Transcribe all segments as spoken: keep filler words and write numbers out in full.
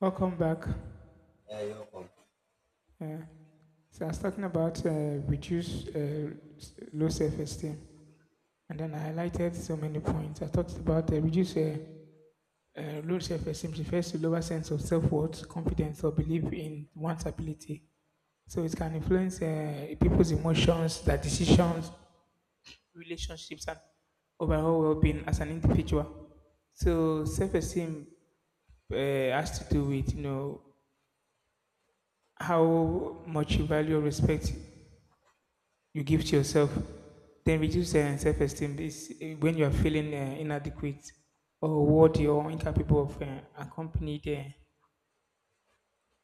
Welcome back. Yeah, you're welcome. Uh, so I was talking about uh, reduce uh, s- low self-esteem, and then I highlighted so many points. I talked about uh, reduce uh, uh, low self-esteem refers to lower sense of self-worth, confidence, or belief in one's ability. So it can influence uh, people's emotions, their decisions, relationships, and overall well-being as an individual. So self-esteem uh, has to do with you know how much you value or respect you give to yourself. Then reduce uh, self esteem is uh, when you are feeling uh, inadequate or worthy or incapable of uh, accompanying the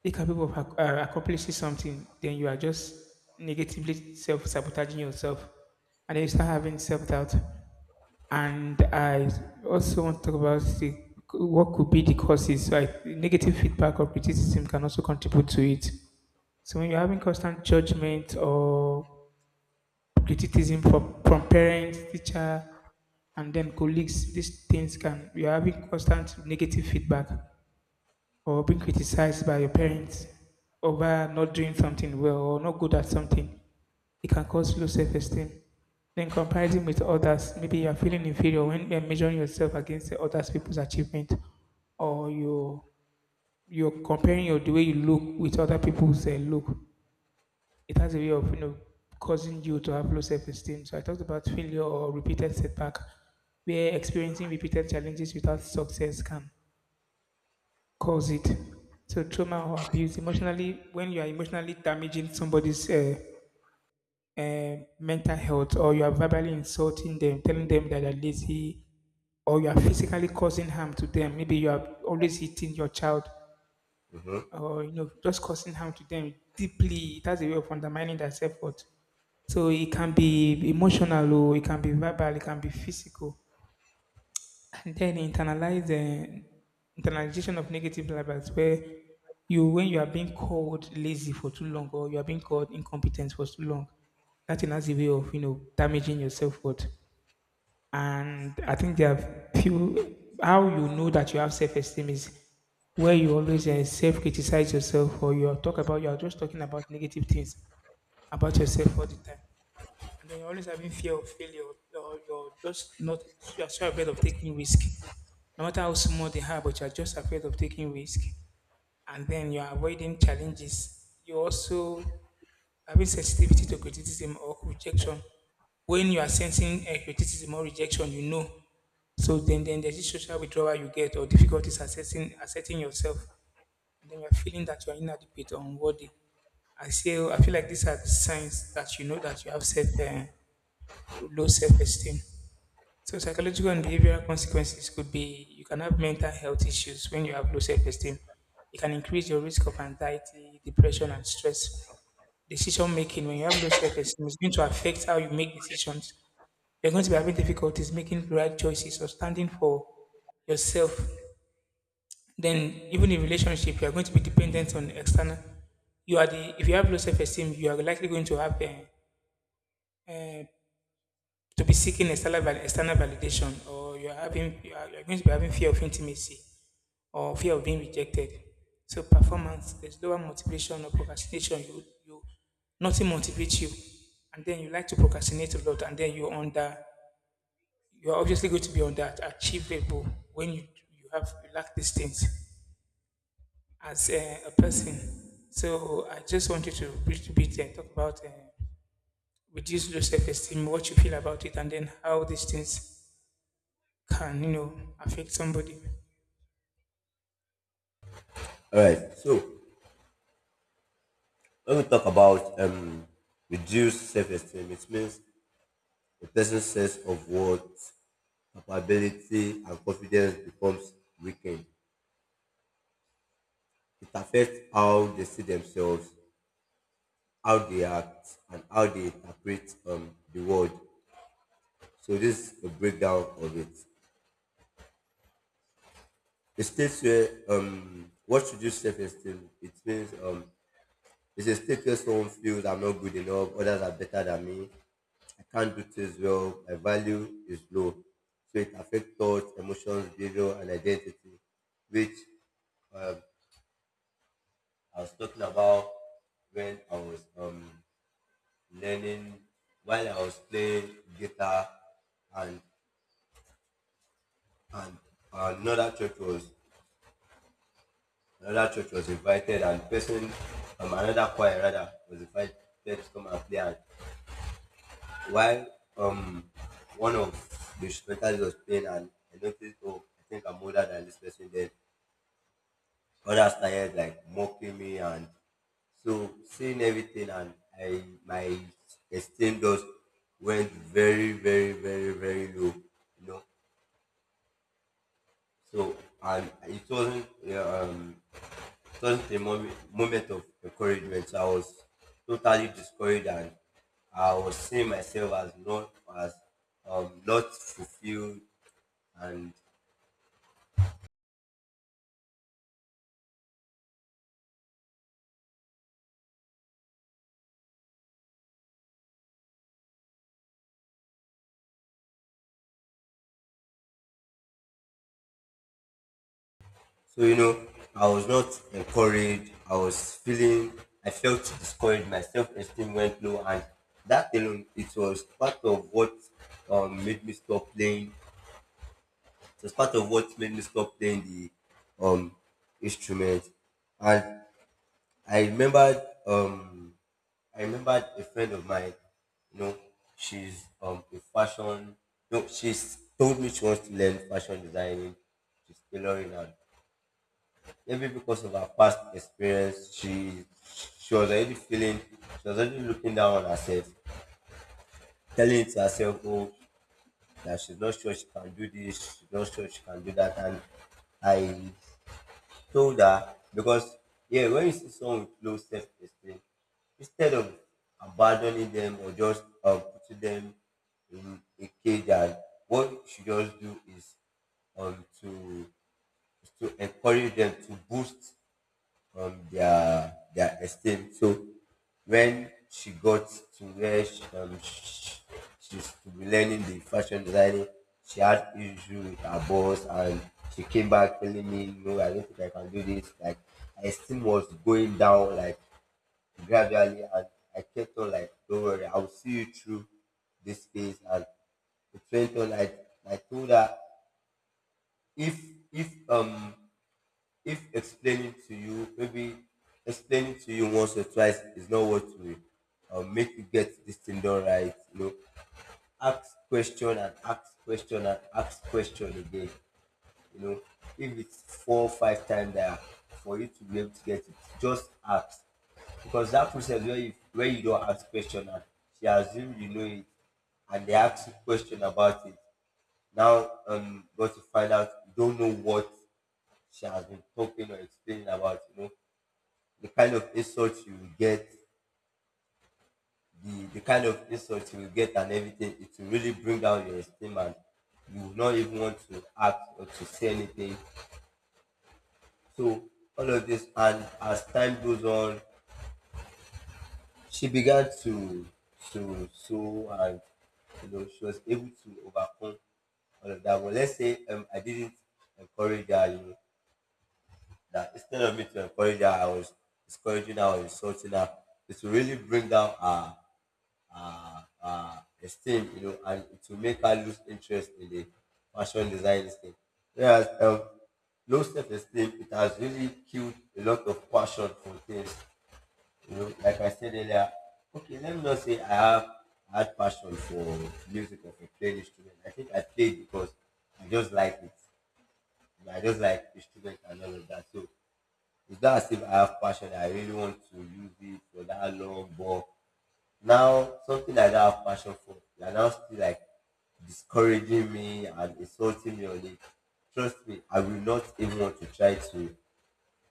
incapable of ac- uh, accomplishing something. Then you are just negatively self sabotaging yourself, and then you start having self doubt. And I also want to talk about the, what could be the causes. Like negative feedback or criticism can also contribute to it. So when you're having constant judgment or criticism from, from parents, teacher, and then colleagues, these things can, you're having constant negative feedback or being criticized by your parents over not doing something well or not good at something. It can cause low self esteem. Then comparison with others, maybe you're feeling inferior when you're measuring yourself against the other people's achievement or you you're comparing your the way you look with other people's uh, look. It has a way of you know causing you to have low self-esteem. So I talked about failure or repeated setback, where experiencing repeated challenges without success can cause it. So trauma or abuse emotionally, when you are emotionally damaging somebody's uh, uh, mental health, or you are verbally insulting them, telling them that they're lazy, or you are physically causing harm to them. Maybe you are always hitting your child Mhm. or you know just causing harm to them deeply. It has a way of undermining their self-worth. So it can be emotional, or it can be verbal, it can be physical, and then internalize uh, internalization of negative labels where you when you are being called lazy for too long or you are being called incompetent for too long, that thing has a way of you know damaging your self worth. And I think there are few how you know that you have self-esteem is where you always uh, self-criticize yourself or you talk about you are just talking about negative things about yourself all the time. And then you're always having fear of failure or you're just not you're so afraid of taking risk. No matter how small they are, but you're just afraid of taking risk, and then you're avoiding challenges. You also having sensitivity to criticism or rejection. When you are sensing a criticism or rejection, you know. So then, then there's this social withdrawal you get or difficulties assessing asserting yourself, and then you're feeling that you're inadequate or unworthy. I feel I feel like these are the signs that you know that you have self uh, low self esteem. So psychological and behavioral consequences could be you can have mental health issues when you have low self-esteem. It can increase your risk of anxiety, depression, and stress. Decision making when you have low self-esteem is going to affect how you make decisions. You're going to be having difficulties making the right choices or standing for yourself. Then even in relationship, you are going to be dependent on external. You are the If you have low self-esteem, you are likely going to have uh, uh, to be seeking external, val- external validation, or you're having you are, you're going to be having fear of intimacy or fear of being rejected. So performance, there's lower motivation or procrastination. you you Nothing motivates you, and then you like to procrastinate a lot, and then you're under you're obviously going to be under achievable when you you have you lack these things as a, a person. So I just want you to bit to bit and talk about uh, reduce low self-esteem, what you feel about it, and then how these things can, you know, affect somebody. All right. So when we talk about um, reduced self-esteem, it means a person's sense of worth, capability, and confidence becomes weakened. It affects how they see themselves, how they act, and how they interpret um, the world. So this is a breakdown of it. It states where um, what reduced self-esteem. It means um, it's a status someone feels I'm not good enough, others are better than me, I can't do things well, my value is low. So it affects thoughts, emotions, behavior, and identity, which um, I was talking about when I was um, learning, while I was playing guitar, and and another church was another church was invited, and person um, another choir rather was invited to come and play. And while um one of the instrumentals was playing and I noticed, oh, I think I'm older than this person, then others started like mocking me and so seeing everything and I my esteem just went very very very very low, you know. So and it wasn't uh, um it wasn't a moment, moment of encouragement, so I was totally discouraged and I was seeing myself as not as um not fulfilled. And so, you know, I was not encouraged, I was feeling, I felt discouraged, my self-esteem went low, and that alone it was part of what um made me stop playing. It was part of what made me stop playing the um instrument. And I remembered, um I remembered a friend of mine. You know, she's um a fashion, no, she's told me she wants to learn fashion designing. She's tailoring, and maybe because of her past experience, she she was already feeling, she was already looking down on herself, telling to herself, oh, that she's not sure she can do this, she's not sure she can do that. And I told her, because, yeah, when you see someone with low self-esteem, instead of abandoning them or just um, putting them in a cage, and what you should just do is um to is to encourage them to boost on their their esteem. So when she got to where she, um, sh she's to be learning the fashion designing, she had issue with her boss and she came back telling me, no, I don't think I can do this. Like her esteem was going down like gradually, and I kept on like, don't worry, I'll see you through this phase. And it went on. Like I told her, if if um if explaining to you, maybe explaining to you once or twice, is not what will uh, make you get this thing done right, you know. Ask question and ask question and ask question again, you know. If it's four or five times there for you to be able to get it, just ask. Because that process where you where you don't ask question and she assumes you know it, and they ask you question about it, now um got to find out you don't know what she has been talking or explaining about, you know, the kind of insults you will get, the, the kind of insults you will get and everything, it will really bring down your esteem and you will not even want to act or to say anything. So all of this, and as time goes on, she began to to sew, and you know she was able to overcome all of that. But let's say um, I didn't encourage her, you know, that instead of me to encourage her, I was discouraging her or insulting her. It will really bring down her, her, her esteem, you know, and it will make her lose interest in the fashion design thing. Whereas um, low self-esteem, it has really killed a lot of passion for things. You know, like I said earlier, okay, let me not say I have had passion for music or for playing instrument. I think I played because I just like it. And I just like instrument and all of that. So it's not as if I have passion. I really want to use it for that long, but now something I don't have passion for, you're now still like discouraging me and insulting me on it. Trust me, I will not even want to try to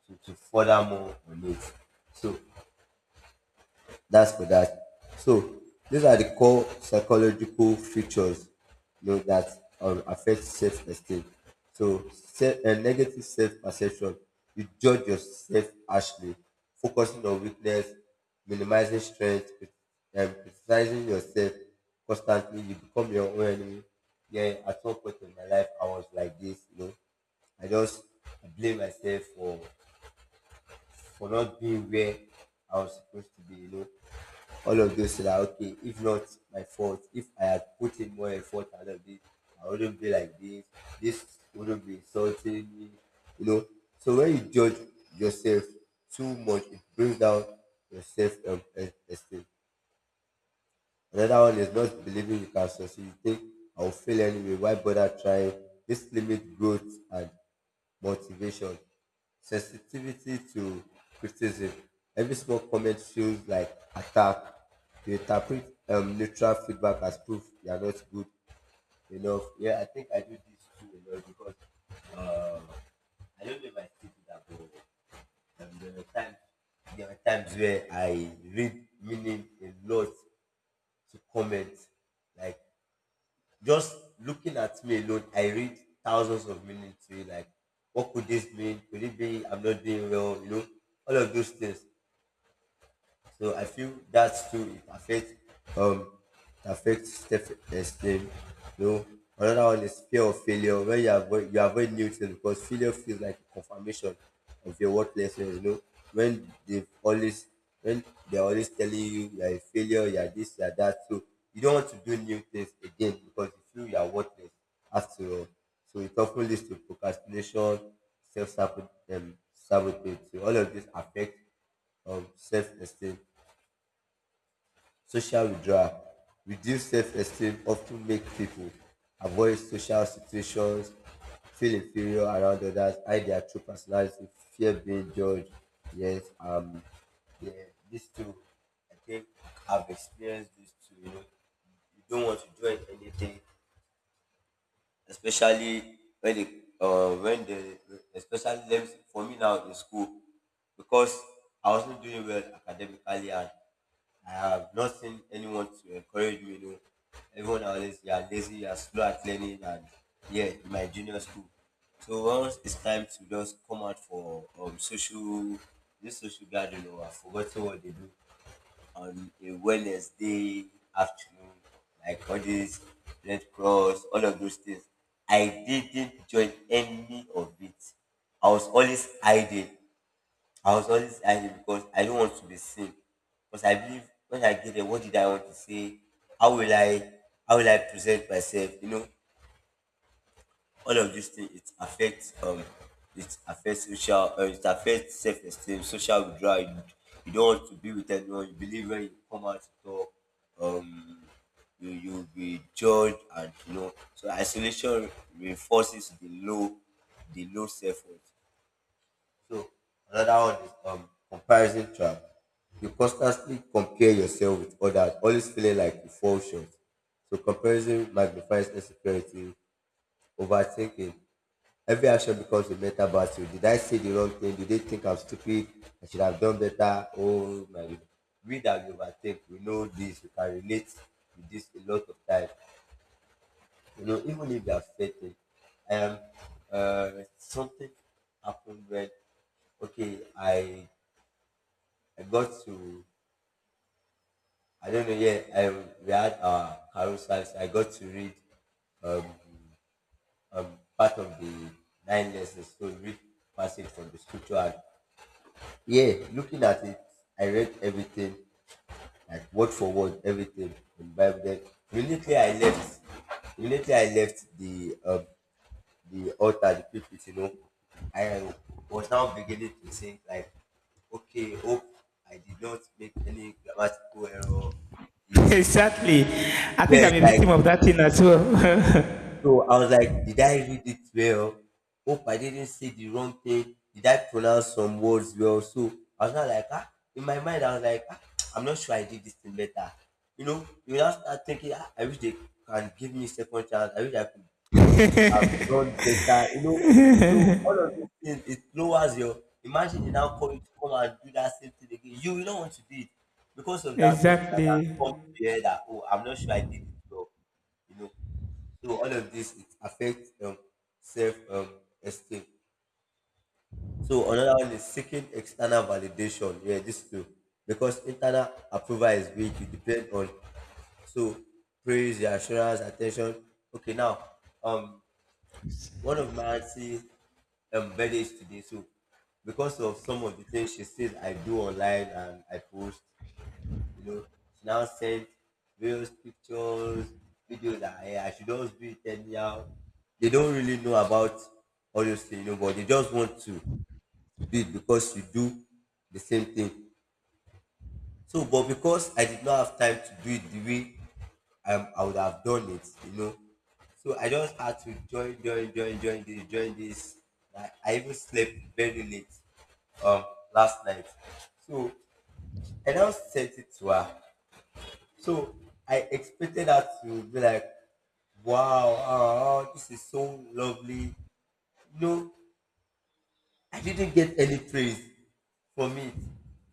to, to further more on it. So that's for that. So these are the core psychological features, you know, that um, affect self-esteem. So se- uh, negative self-perception. You judge yourself harshly, focusing on weakness, minimizing strength, and criticizing yourself constantly. You become your own enemy. Yeah, at some point in my life, I was like this, you know. I just blame myself for for not being where I was supposed to be, you know, all of those. So that okay, if not my fault, if I had put in more effort out of this, I wouldn't be like this. This wouldn't be insulting me, you know. So when you judge yourself too much, it brings down your self, um, es- esteem. Another one is not believing you can succeed. You think I'll fail anyway. Why bother trying? This limits growth and motivation. Sensitivity to criticism. Every small comment feels like attack. You interpret um, neutral feedback as proof you are not good enough. Yeah, I think I do this too a lot, because I don't know if I still do that, but um, there are times, there are times where I read meaning a lot to comment, like just looking at me alone, I read thousands of meaning to it. Like, what could this mean? Could it be I'm not doing well? You know, all of those things. So I feel that too, it affects um it affects self esteem. You know, another one is fear of failure. When you avoid you avoid new things because failure feels like confirmation of your worthlessness. You know, when they always, when they're always telling you you're a failure, you're this, you're that. So you don't want to do new things again because you feel you're worthless after all. So it often leads to procrastination, self sabotage, um, sabotage. So all of this affect um, self-esteem. Social withdrawal. Reduced self-esteem often make people avoid social situations, feel inferior around others, hide their true personality, fear being judged. Yes, um, yeah, these two, I think I've experienced these two. You know, you don't want to join anything, especially when they, uh, when they, especially them for me now in school, because I was not doing well academically and I have not seen anyone to encourage me. You know, everyone always you are lazy, you are slow at learning, and yeah, in my junior school. So once it's time to just come out for um social, this social gathering, or I've forgotten what they do on a Wednesday afternoon, like all these Red Cross, all of those things. I didn't join any of it. I was always hiding. I was always angry because I don't want to be seen. Because I believe when I get there, what did I want to say? How will I how will I present myself? You know, all of these things it affects um it affects social uh, it affects self esteem, social withdrawal. You, you don't want to be with anyone, you believe when you come out to talk, um you you'll be judged and you know, so isolation reinforces the low the low self worth. So another one is um comparison trap. You constantly compare yourself with others, always feeling like you fall short. So comparison magnifies insecurity, overthinking. Every action becomes a mental battle. Did I say the wrong thing? Did they think I'm stupid? I should have done better. Oh my God. We that we overthink, we know this, we can relate with this a lot of times. You know, even if you are certain, um, uh, something happened when okay, I I got to, I don't know, yeah, I we had our carousels. I got to read um, um part of the nine lessons. So read passage from the scripture. And yeah, looking at it, I read everything like word for word, everything in the Bible. Then immediately I left. Immediately I left the um, the altar, the pulpit. You know, I was now beginning to think like, okay, hope I did not make any grammatical error. It exactly. I think yes, I'm a like victim of that thing as well. so I was like, did I read it well? Hope I didn't say the wrong thing. Did I pronounce some words well? So I was not like ah, in my mind I was like ah, I'm not sure I did this thing better. You know, you now start thinking ah, I wish they can give me second chance. I wish I could have done better. You know, so all of these things it lowers your, imagine they now call you to come and do that same thing again. You will not want to do it because of that thought that has exactly. come to your head that oh, I'm not sure I did it well. You know, so all of this it affects um, self um, esteem. So another one is seeking external validation. Yeah, this too. Because internal approval is weak, you depend on so praise, reassurance, attention. Okay, now um one of my auntie um birthday is today, so because of some of the things she says I do online and I post, you know, she now sent various pictures, videos that hey, I should just do it anyhow. They don't really know about all those things, you know, but they just want to do it because you do the same thing. So, but because I did not have time to do it the way I, I would have done it, you know. So I just had to join, join, join, join this, join this. I, I even slept very late um last night. So I now sent it to her. So I expected her to be like, wow, oh, this is so lovely. No, I didn't get any praise from it.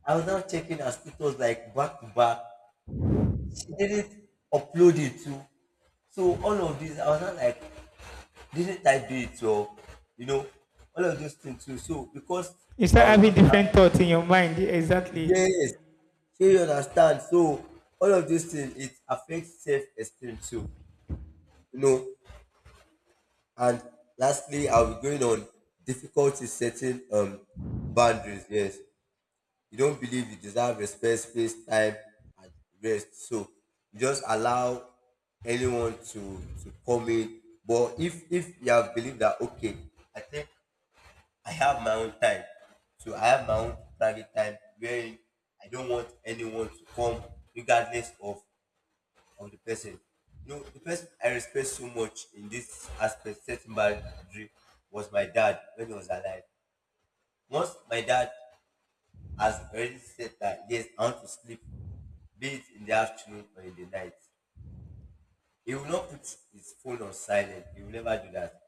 I was now checking her status like back to back. She didn't upload it too. So all of this, I was not like, didn't I do it or you know, all of those things too. So because You I start was having not happy. different thoughts in your mind. Exactly. Yes, so you understand. So all of these things it affects self esteem too. You know, and lastly, I'll be going on difficulty setting um boundaries. Yes, you don't believe you deserve respect, space, time, and rest. So you just allow anyone to to come in. But if if you have believed that okay, I think I have my own time, so I have my own private time wherein I don't want anyone to come regardless of on the person. You know, the person I respect so much in this aspect, setting boundary, was my dad when he was alive. Once my dad has already said that, yes, I want to sleep, be it in the afternoon or in the night, he will not put his phone on silent. He will never do that.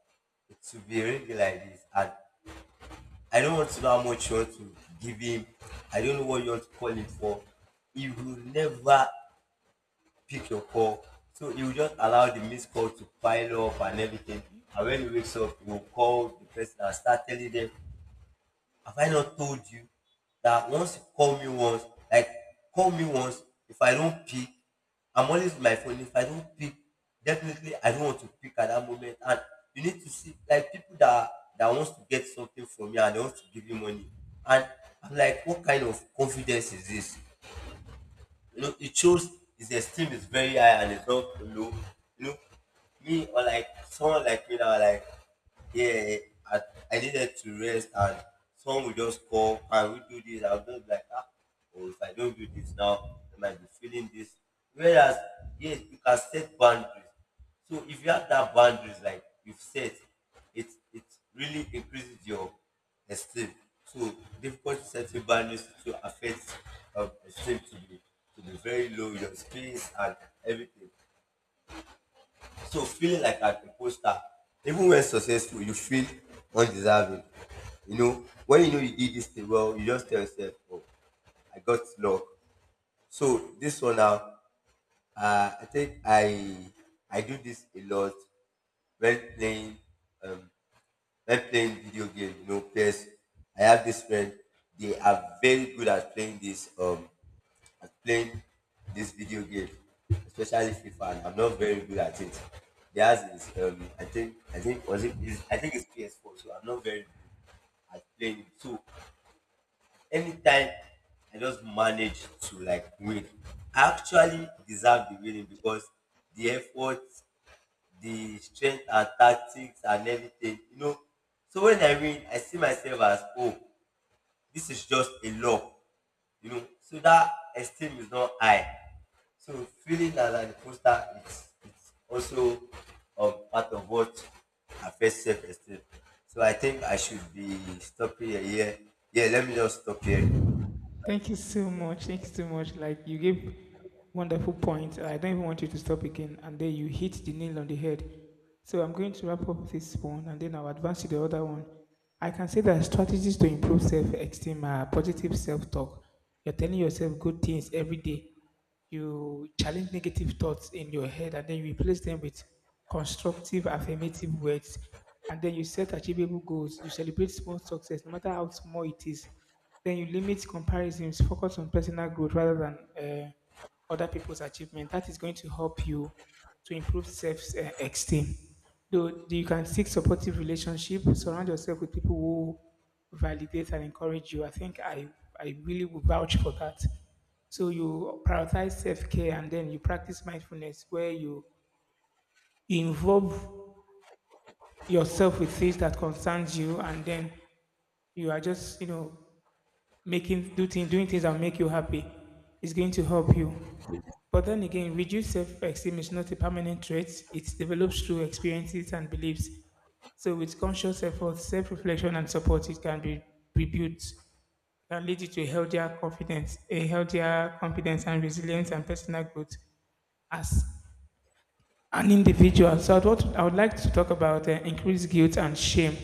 It will be really like this. And I don't want to know how much you want to give him. I don't know what you want to call him for. He will never pick your call. So you just allow the missed call to pile up and everything. And when he wakes up, you will call the person and start telling them, have I not told you that once you call me once, like call me once, if I don't pick, I'm always with my phone. If I don't pick, definitely I don't want to pick at that moment. And you need to see like people that that wants to get something from you and they want to give you money. And I'm like, what kind of confidence is this? You know, it shows his esteem is very high and it's not low. You know, me or like someone like me now, like yeah, I, I needed to rest and someone will just call, can we do this? I'll just be like, ah, oh, if I don't do this now, I might be feeling this. Whereas, yes, you can set boundaries. So if you have that boundaries like you've set, it it really increases your esteem. So difficult setting boundaries to affect um, esteem to be to be very low, your space and everything. So feeling like an imposter, even when successful, you feel undeserving. You know, when you know you did this thing well, you just tell yourself, oh, I got luck. So this one now, uh, I think I I do this a lot when playing um, like playing video game, you know, P S. I have this friend. They are very good at playing this um at playing this video game, especially FIFA. And I'm not very good at it. Theirs is um I think I think was it is I think it's P S four. So I'm not very good at playing. So anytime I just manage to like win, I actually deserve the winning because the effort the strength and tactics and everything, you know. So when I win, I see myself as oh, this is just a law, you know. So that esteem is not high. So feeling as an imposter it's it's also um, part of what affects self esteem. So I think I should be stopping here. here. Yeah, let me just stop here. Thank you so much. Thank you so much. Like you gave wonderful points. I don't even want you to stop again. And then you hit the nail on the head. So I'm going to wrap up this one, and then I'll advance to the other one. I can say that strategies to improve self-esteem are positive self-talk. You're telling yourself good things every day. You challenge negative thoughts in your head, and then you replace them with constructive, affirmative words. And then you set achievable goals. You celebrate small success, no matter how small it is. Then you limit comparisons, focus on personal growth rather than uh, other people's achievement. That is going to help you to improve self-esteem. Though you can seek supportive relationship, surround yourself with people who validate and encourage you. I think I, I really would vouch for that. So you prioritize self-care, and then you practice mindfulness where you involve yourself with things that concerns you, and then you are just, you know, making do thing, doing things that make you happy is going to help you. But then again, reduced self-esteem is not a permanent trait. It develops through experiences and beliefs. So with conscious effort, self-reflection and support, it can be rebuilt, can lead you to a healthier confidence, a healthier confidence and resilience and personal growth as an individual. So I'd, what, I would like to talk about uh, increased guilt and shame.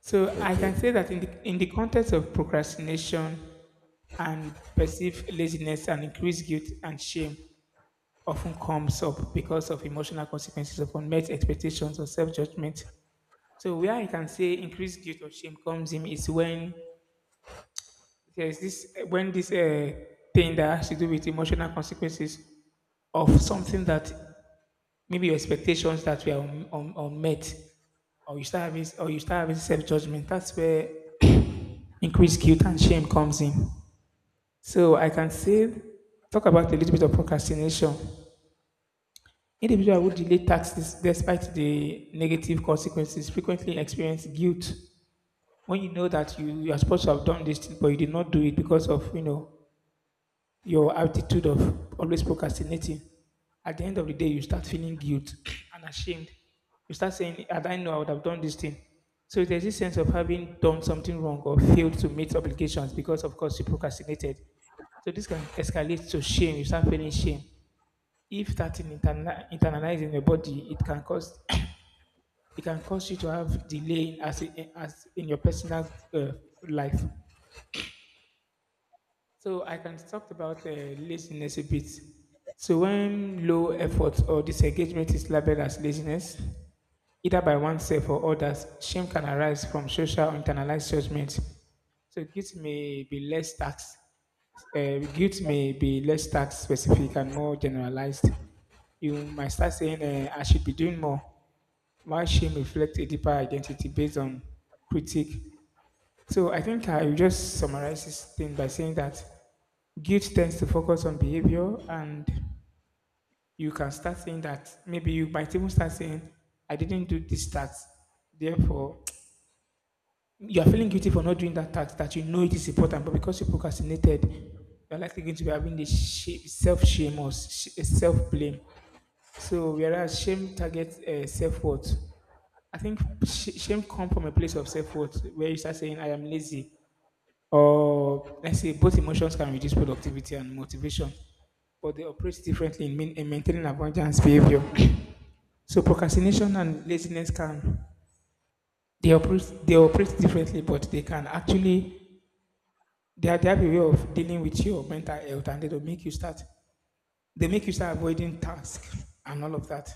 So I Okay. can say that in the, in the context of procrastination and perceived laziness, and increased guilt and shame often comes up because of emotional consequences of unmet expectations or self-judgment. So where I can say increased guilt or shame comes in is when there's this when this uh, thing that has to do with emotional consequences of something that maybe your expectations that were un- un- unmet, or you start having or you start having self-judgment. That's where increased guilt and shame comes in. So I can say, talk about a little bit of procrastination. Individuals who delay taxes despite the negative consequences frequently experience guilt when you know that you, you are supposed to have done this thing, but you did not do it because of, you know, your attitude of always procrastinating, at the end of the day, you start feeling guilt and ashamed. You start saying, "Had I known, I would have done this thing." So there's this sense of having done something wrong or failed to meet obligations because, of course, you procrastinated. So this can escalate to shame. You start feeling shame. If that in interna- internalized in your body, it can cause it can cause you to have delay in- as in, as in your personal uh, life. So I can talk about uh, laziness a bit. So when low effort or disengagement is labeled as laziness, either by oneself or others, shame can arise from social or internalized judgment. So guilt may be less tax. Uh, guilt may be less tax specific and more generalized. You might start saying, uh, "I should be doing more," while shame reflects a deeper identity based on critique. So I think I will just summarize this thing by saying that guilt tends to focus on behavior, and you can start saying that maybe you might even start saying, I didn't do this task. Therefore, you are feeling guilty for not doing that task that you know it is important, but because you procrastinated, you're likely going to be having this sh- self shame or self blame. So, whereas shame targets uh, self worth, I think sh- shame comes from a place of self worth where you start saying, I am lazy. Or let's say both emotions can reduce productivity and motivation, but they operate differently in main- in maintaining abundance behavior. So procrastination and laziness can they operate they operate differently, but they can actually they are they have a way of dealing with your mental health, and they don't make you start they make you start avoiding tasks and all of that.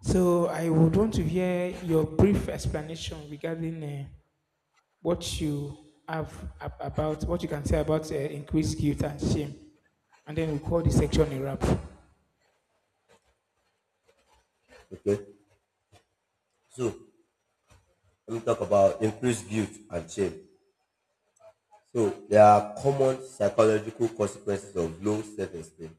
So I would want to hear your brief explanation regarding uh, what you have ab- about what you can say about uh, increased guilt and shame, and then we'll call this section a wrap. Okay. So let me talk about increased guilt and shame. So there are common psychological consequences of low self-esteem,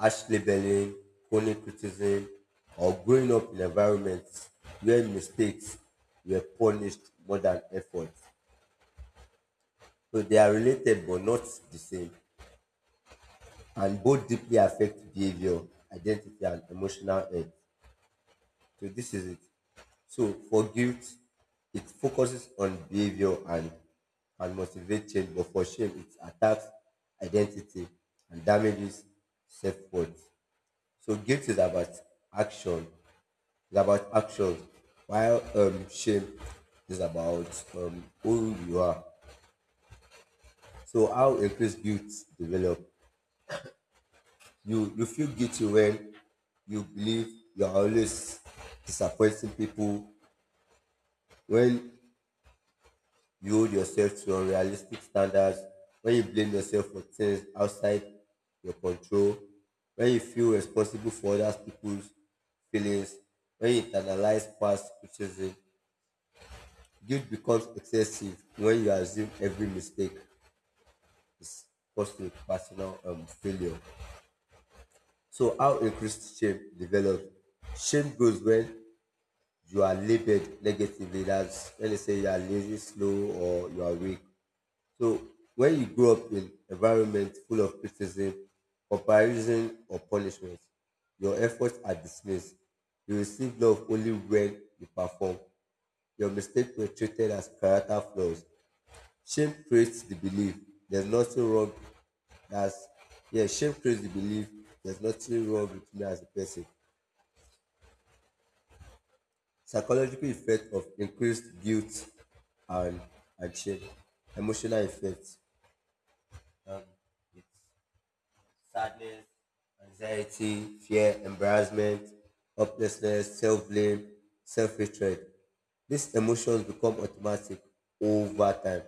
harsh labeling, chronic criticism, or growing up in environments where mistakes were punished more than effort. So they are related but not the same, and both deeply affect behavior, identity, and emotional health. So this is it. So for guilt, it focuses on behavior and can motivate change, but for shame, it attacks identity and damages self-worth. So guilt is about action, it's about actions, while um, shame is about um, who you are. So how increased guilt develop? You you feel guilty when you believe you are always disappointing people, when you hold yourself to unrealistic standards, when you blame yourself for things outside your control, when you feel responsible for other people's feelings, when you internalize past criticism. Guilt becomes excessive when you assume every mistake caused to personal um, failure. So how increased shame develops? Shame grows when you are labeled negatively, that's when they say you are lazy, slow, or you are weak. So when you grow up in environment full of criticism, comparison, or punishment, your efforts are dismissed. You receive love only when you perform. Your mistakes were treated as character flaws. Shame creates the belief there's nothing wrong. That's yeah, shame creates the belief there's nothing wrong with me as a person. Psychological effect of increased guilt and and shame. Emotional effect. Um, yes, sadness, anxiety, fear, embarrassment, hopelessness, self blame, self hatred. These emotions become automatic over time.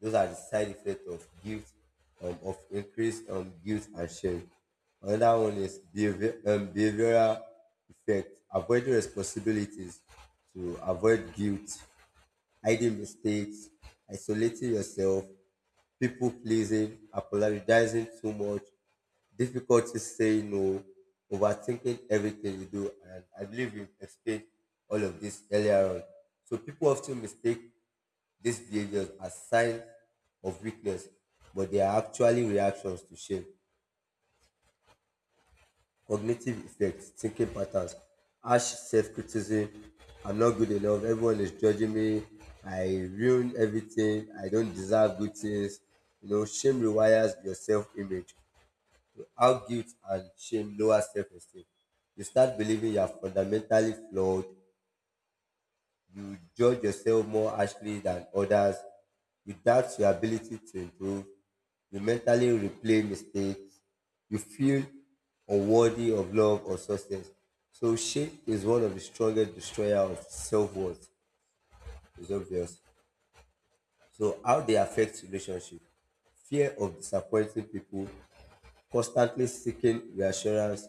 Those are the side effects of guilt, um, of increased um, guilt and shame. Another one is behavior, um, behavioral effect, avoiding responsibilities to avoid guilt, hiding mistakes, isolating yourself, people pleasing, apologizing too much, difficulty saying no, overthinking everything you do. And I believe you explained all of this earlier on. So people often mistake these behaviors as signs of weakness, but they are actually reactions to shame. Cognitive effects, thinking patterns, harsh self-criticism. I'm not good enough. Everyone is judging me. I ruin everything. I don't deserve good things. You know, shame rewires your self-image. How guilt and shame lower self-esteem. You start believing you are fundamentally flawed, you judge yourself more harshly than others. You doubt your ability to improve. You mentally replay mistakes. You feel unworthy of love or success. So shame is one of the strongest destroyer of self-worth. It's obvious. So how they affect relationship. Fear of disappointing people, constantly seeking reassurance,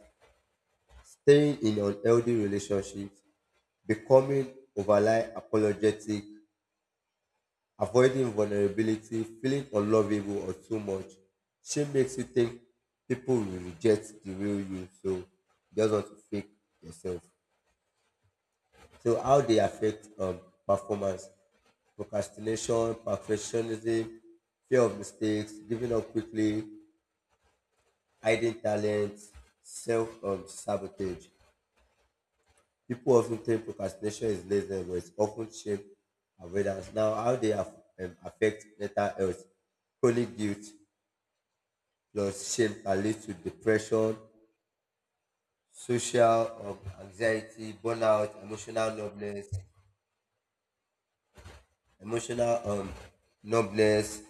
staying in unhealthy relationships, becoming overly apologetic, avoiding vulnerability, feeling unlovable or too much, shame makes you think people will reject the real you, so you just want to fake yourself. So how they affect um, performance, procrastination, perfectionism, fear of mistakes, giving up quickly, hiding talent, self um, sabotage. People often think procrastination is laziness, but it's often shame avoidance. Now, how they aff- um, affect mental health, chronic guilt, plus shame can lead to depression, social um, anxiety, burnout, emotional numbness, emotional um, numbness,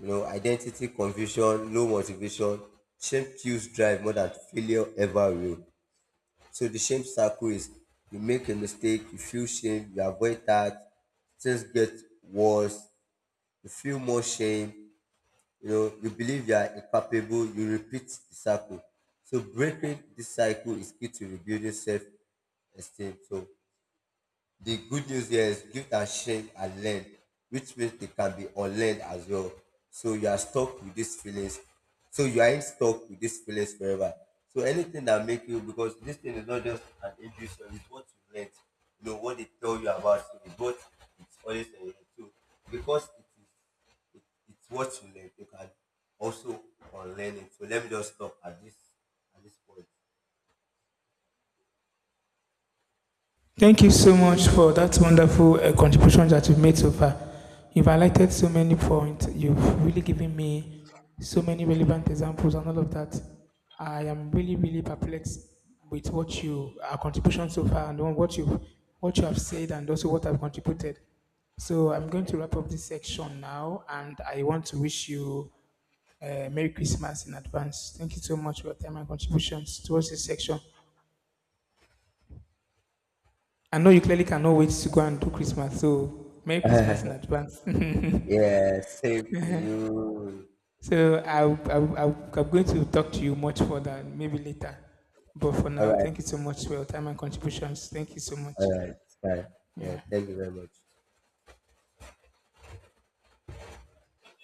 you know, identity confusion, low motivation. Shame kills drive more than failure ever will. So the shame circle is you make a mistake, you feel shame, you avoid that, things get worse, you feel more shame, you know, you believe you are incapable, you repeat the cycle. So breaking this cycle is key to rebuilding self esteem. So the good news here is give and shame and learn, which means they can be unlearned as well. So you are stuck with these feelings. So you are stuck with these feelings forever. So anything that make you because this thing is not just an intuition, it's what you learn. You know, what they tell you about so it's what it's always a so because it is it, it's what you learn, you can also unlearn it. So let me just stop at this at this point. Thank you so much for that wonderful uh, contribution that you've made so far. You've highlighted so many points. You've really given me so many relevant examples and all of that. I am really, really perplexed with what you our contribution so far and what you what you have said, and also what I've contributed. So I'm going to wrap up this section now, and I want to wish you uh, Merry Christmas in advance. Thank you so much for your time and contributions towards this section. I know you clearly cannot wait to go and do Christmas, so Merry Christmas in advance. Yeah, same to you. So I, I, I, I'm going to talk to you much further, maybe later. But for All now, right. thank you so much for your time and contributions. Thank you so much. All right. Bye. Yeah. Yeah. Thank you very much.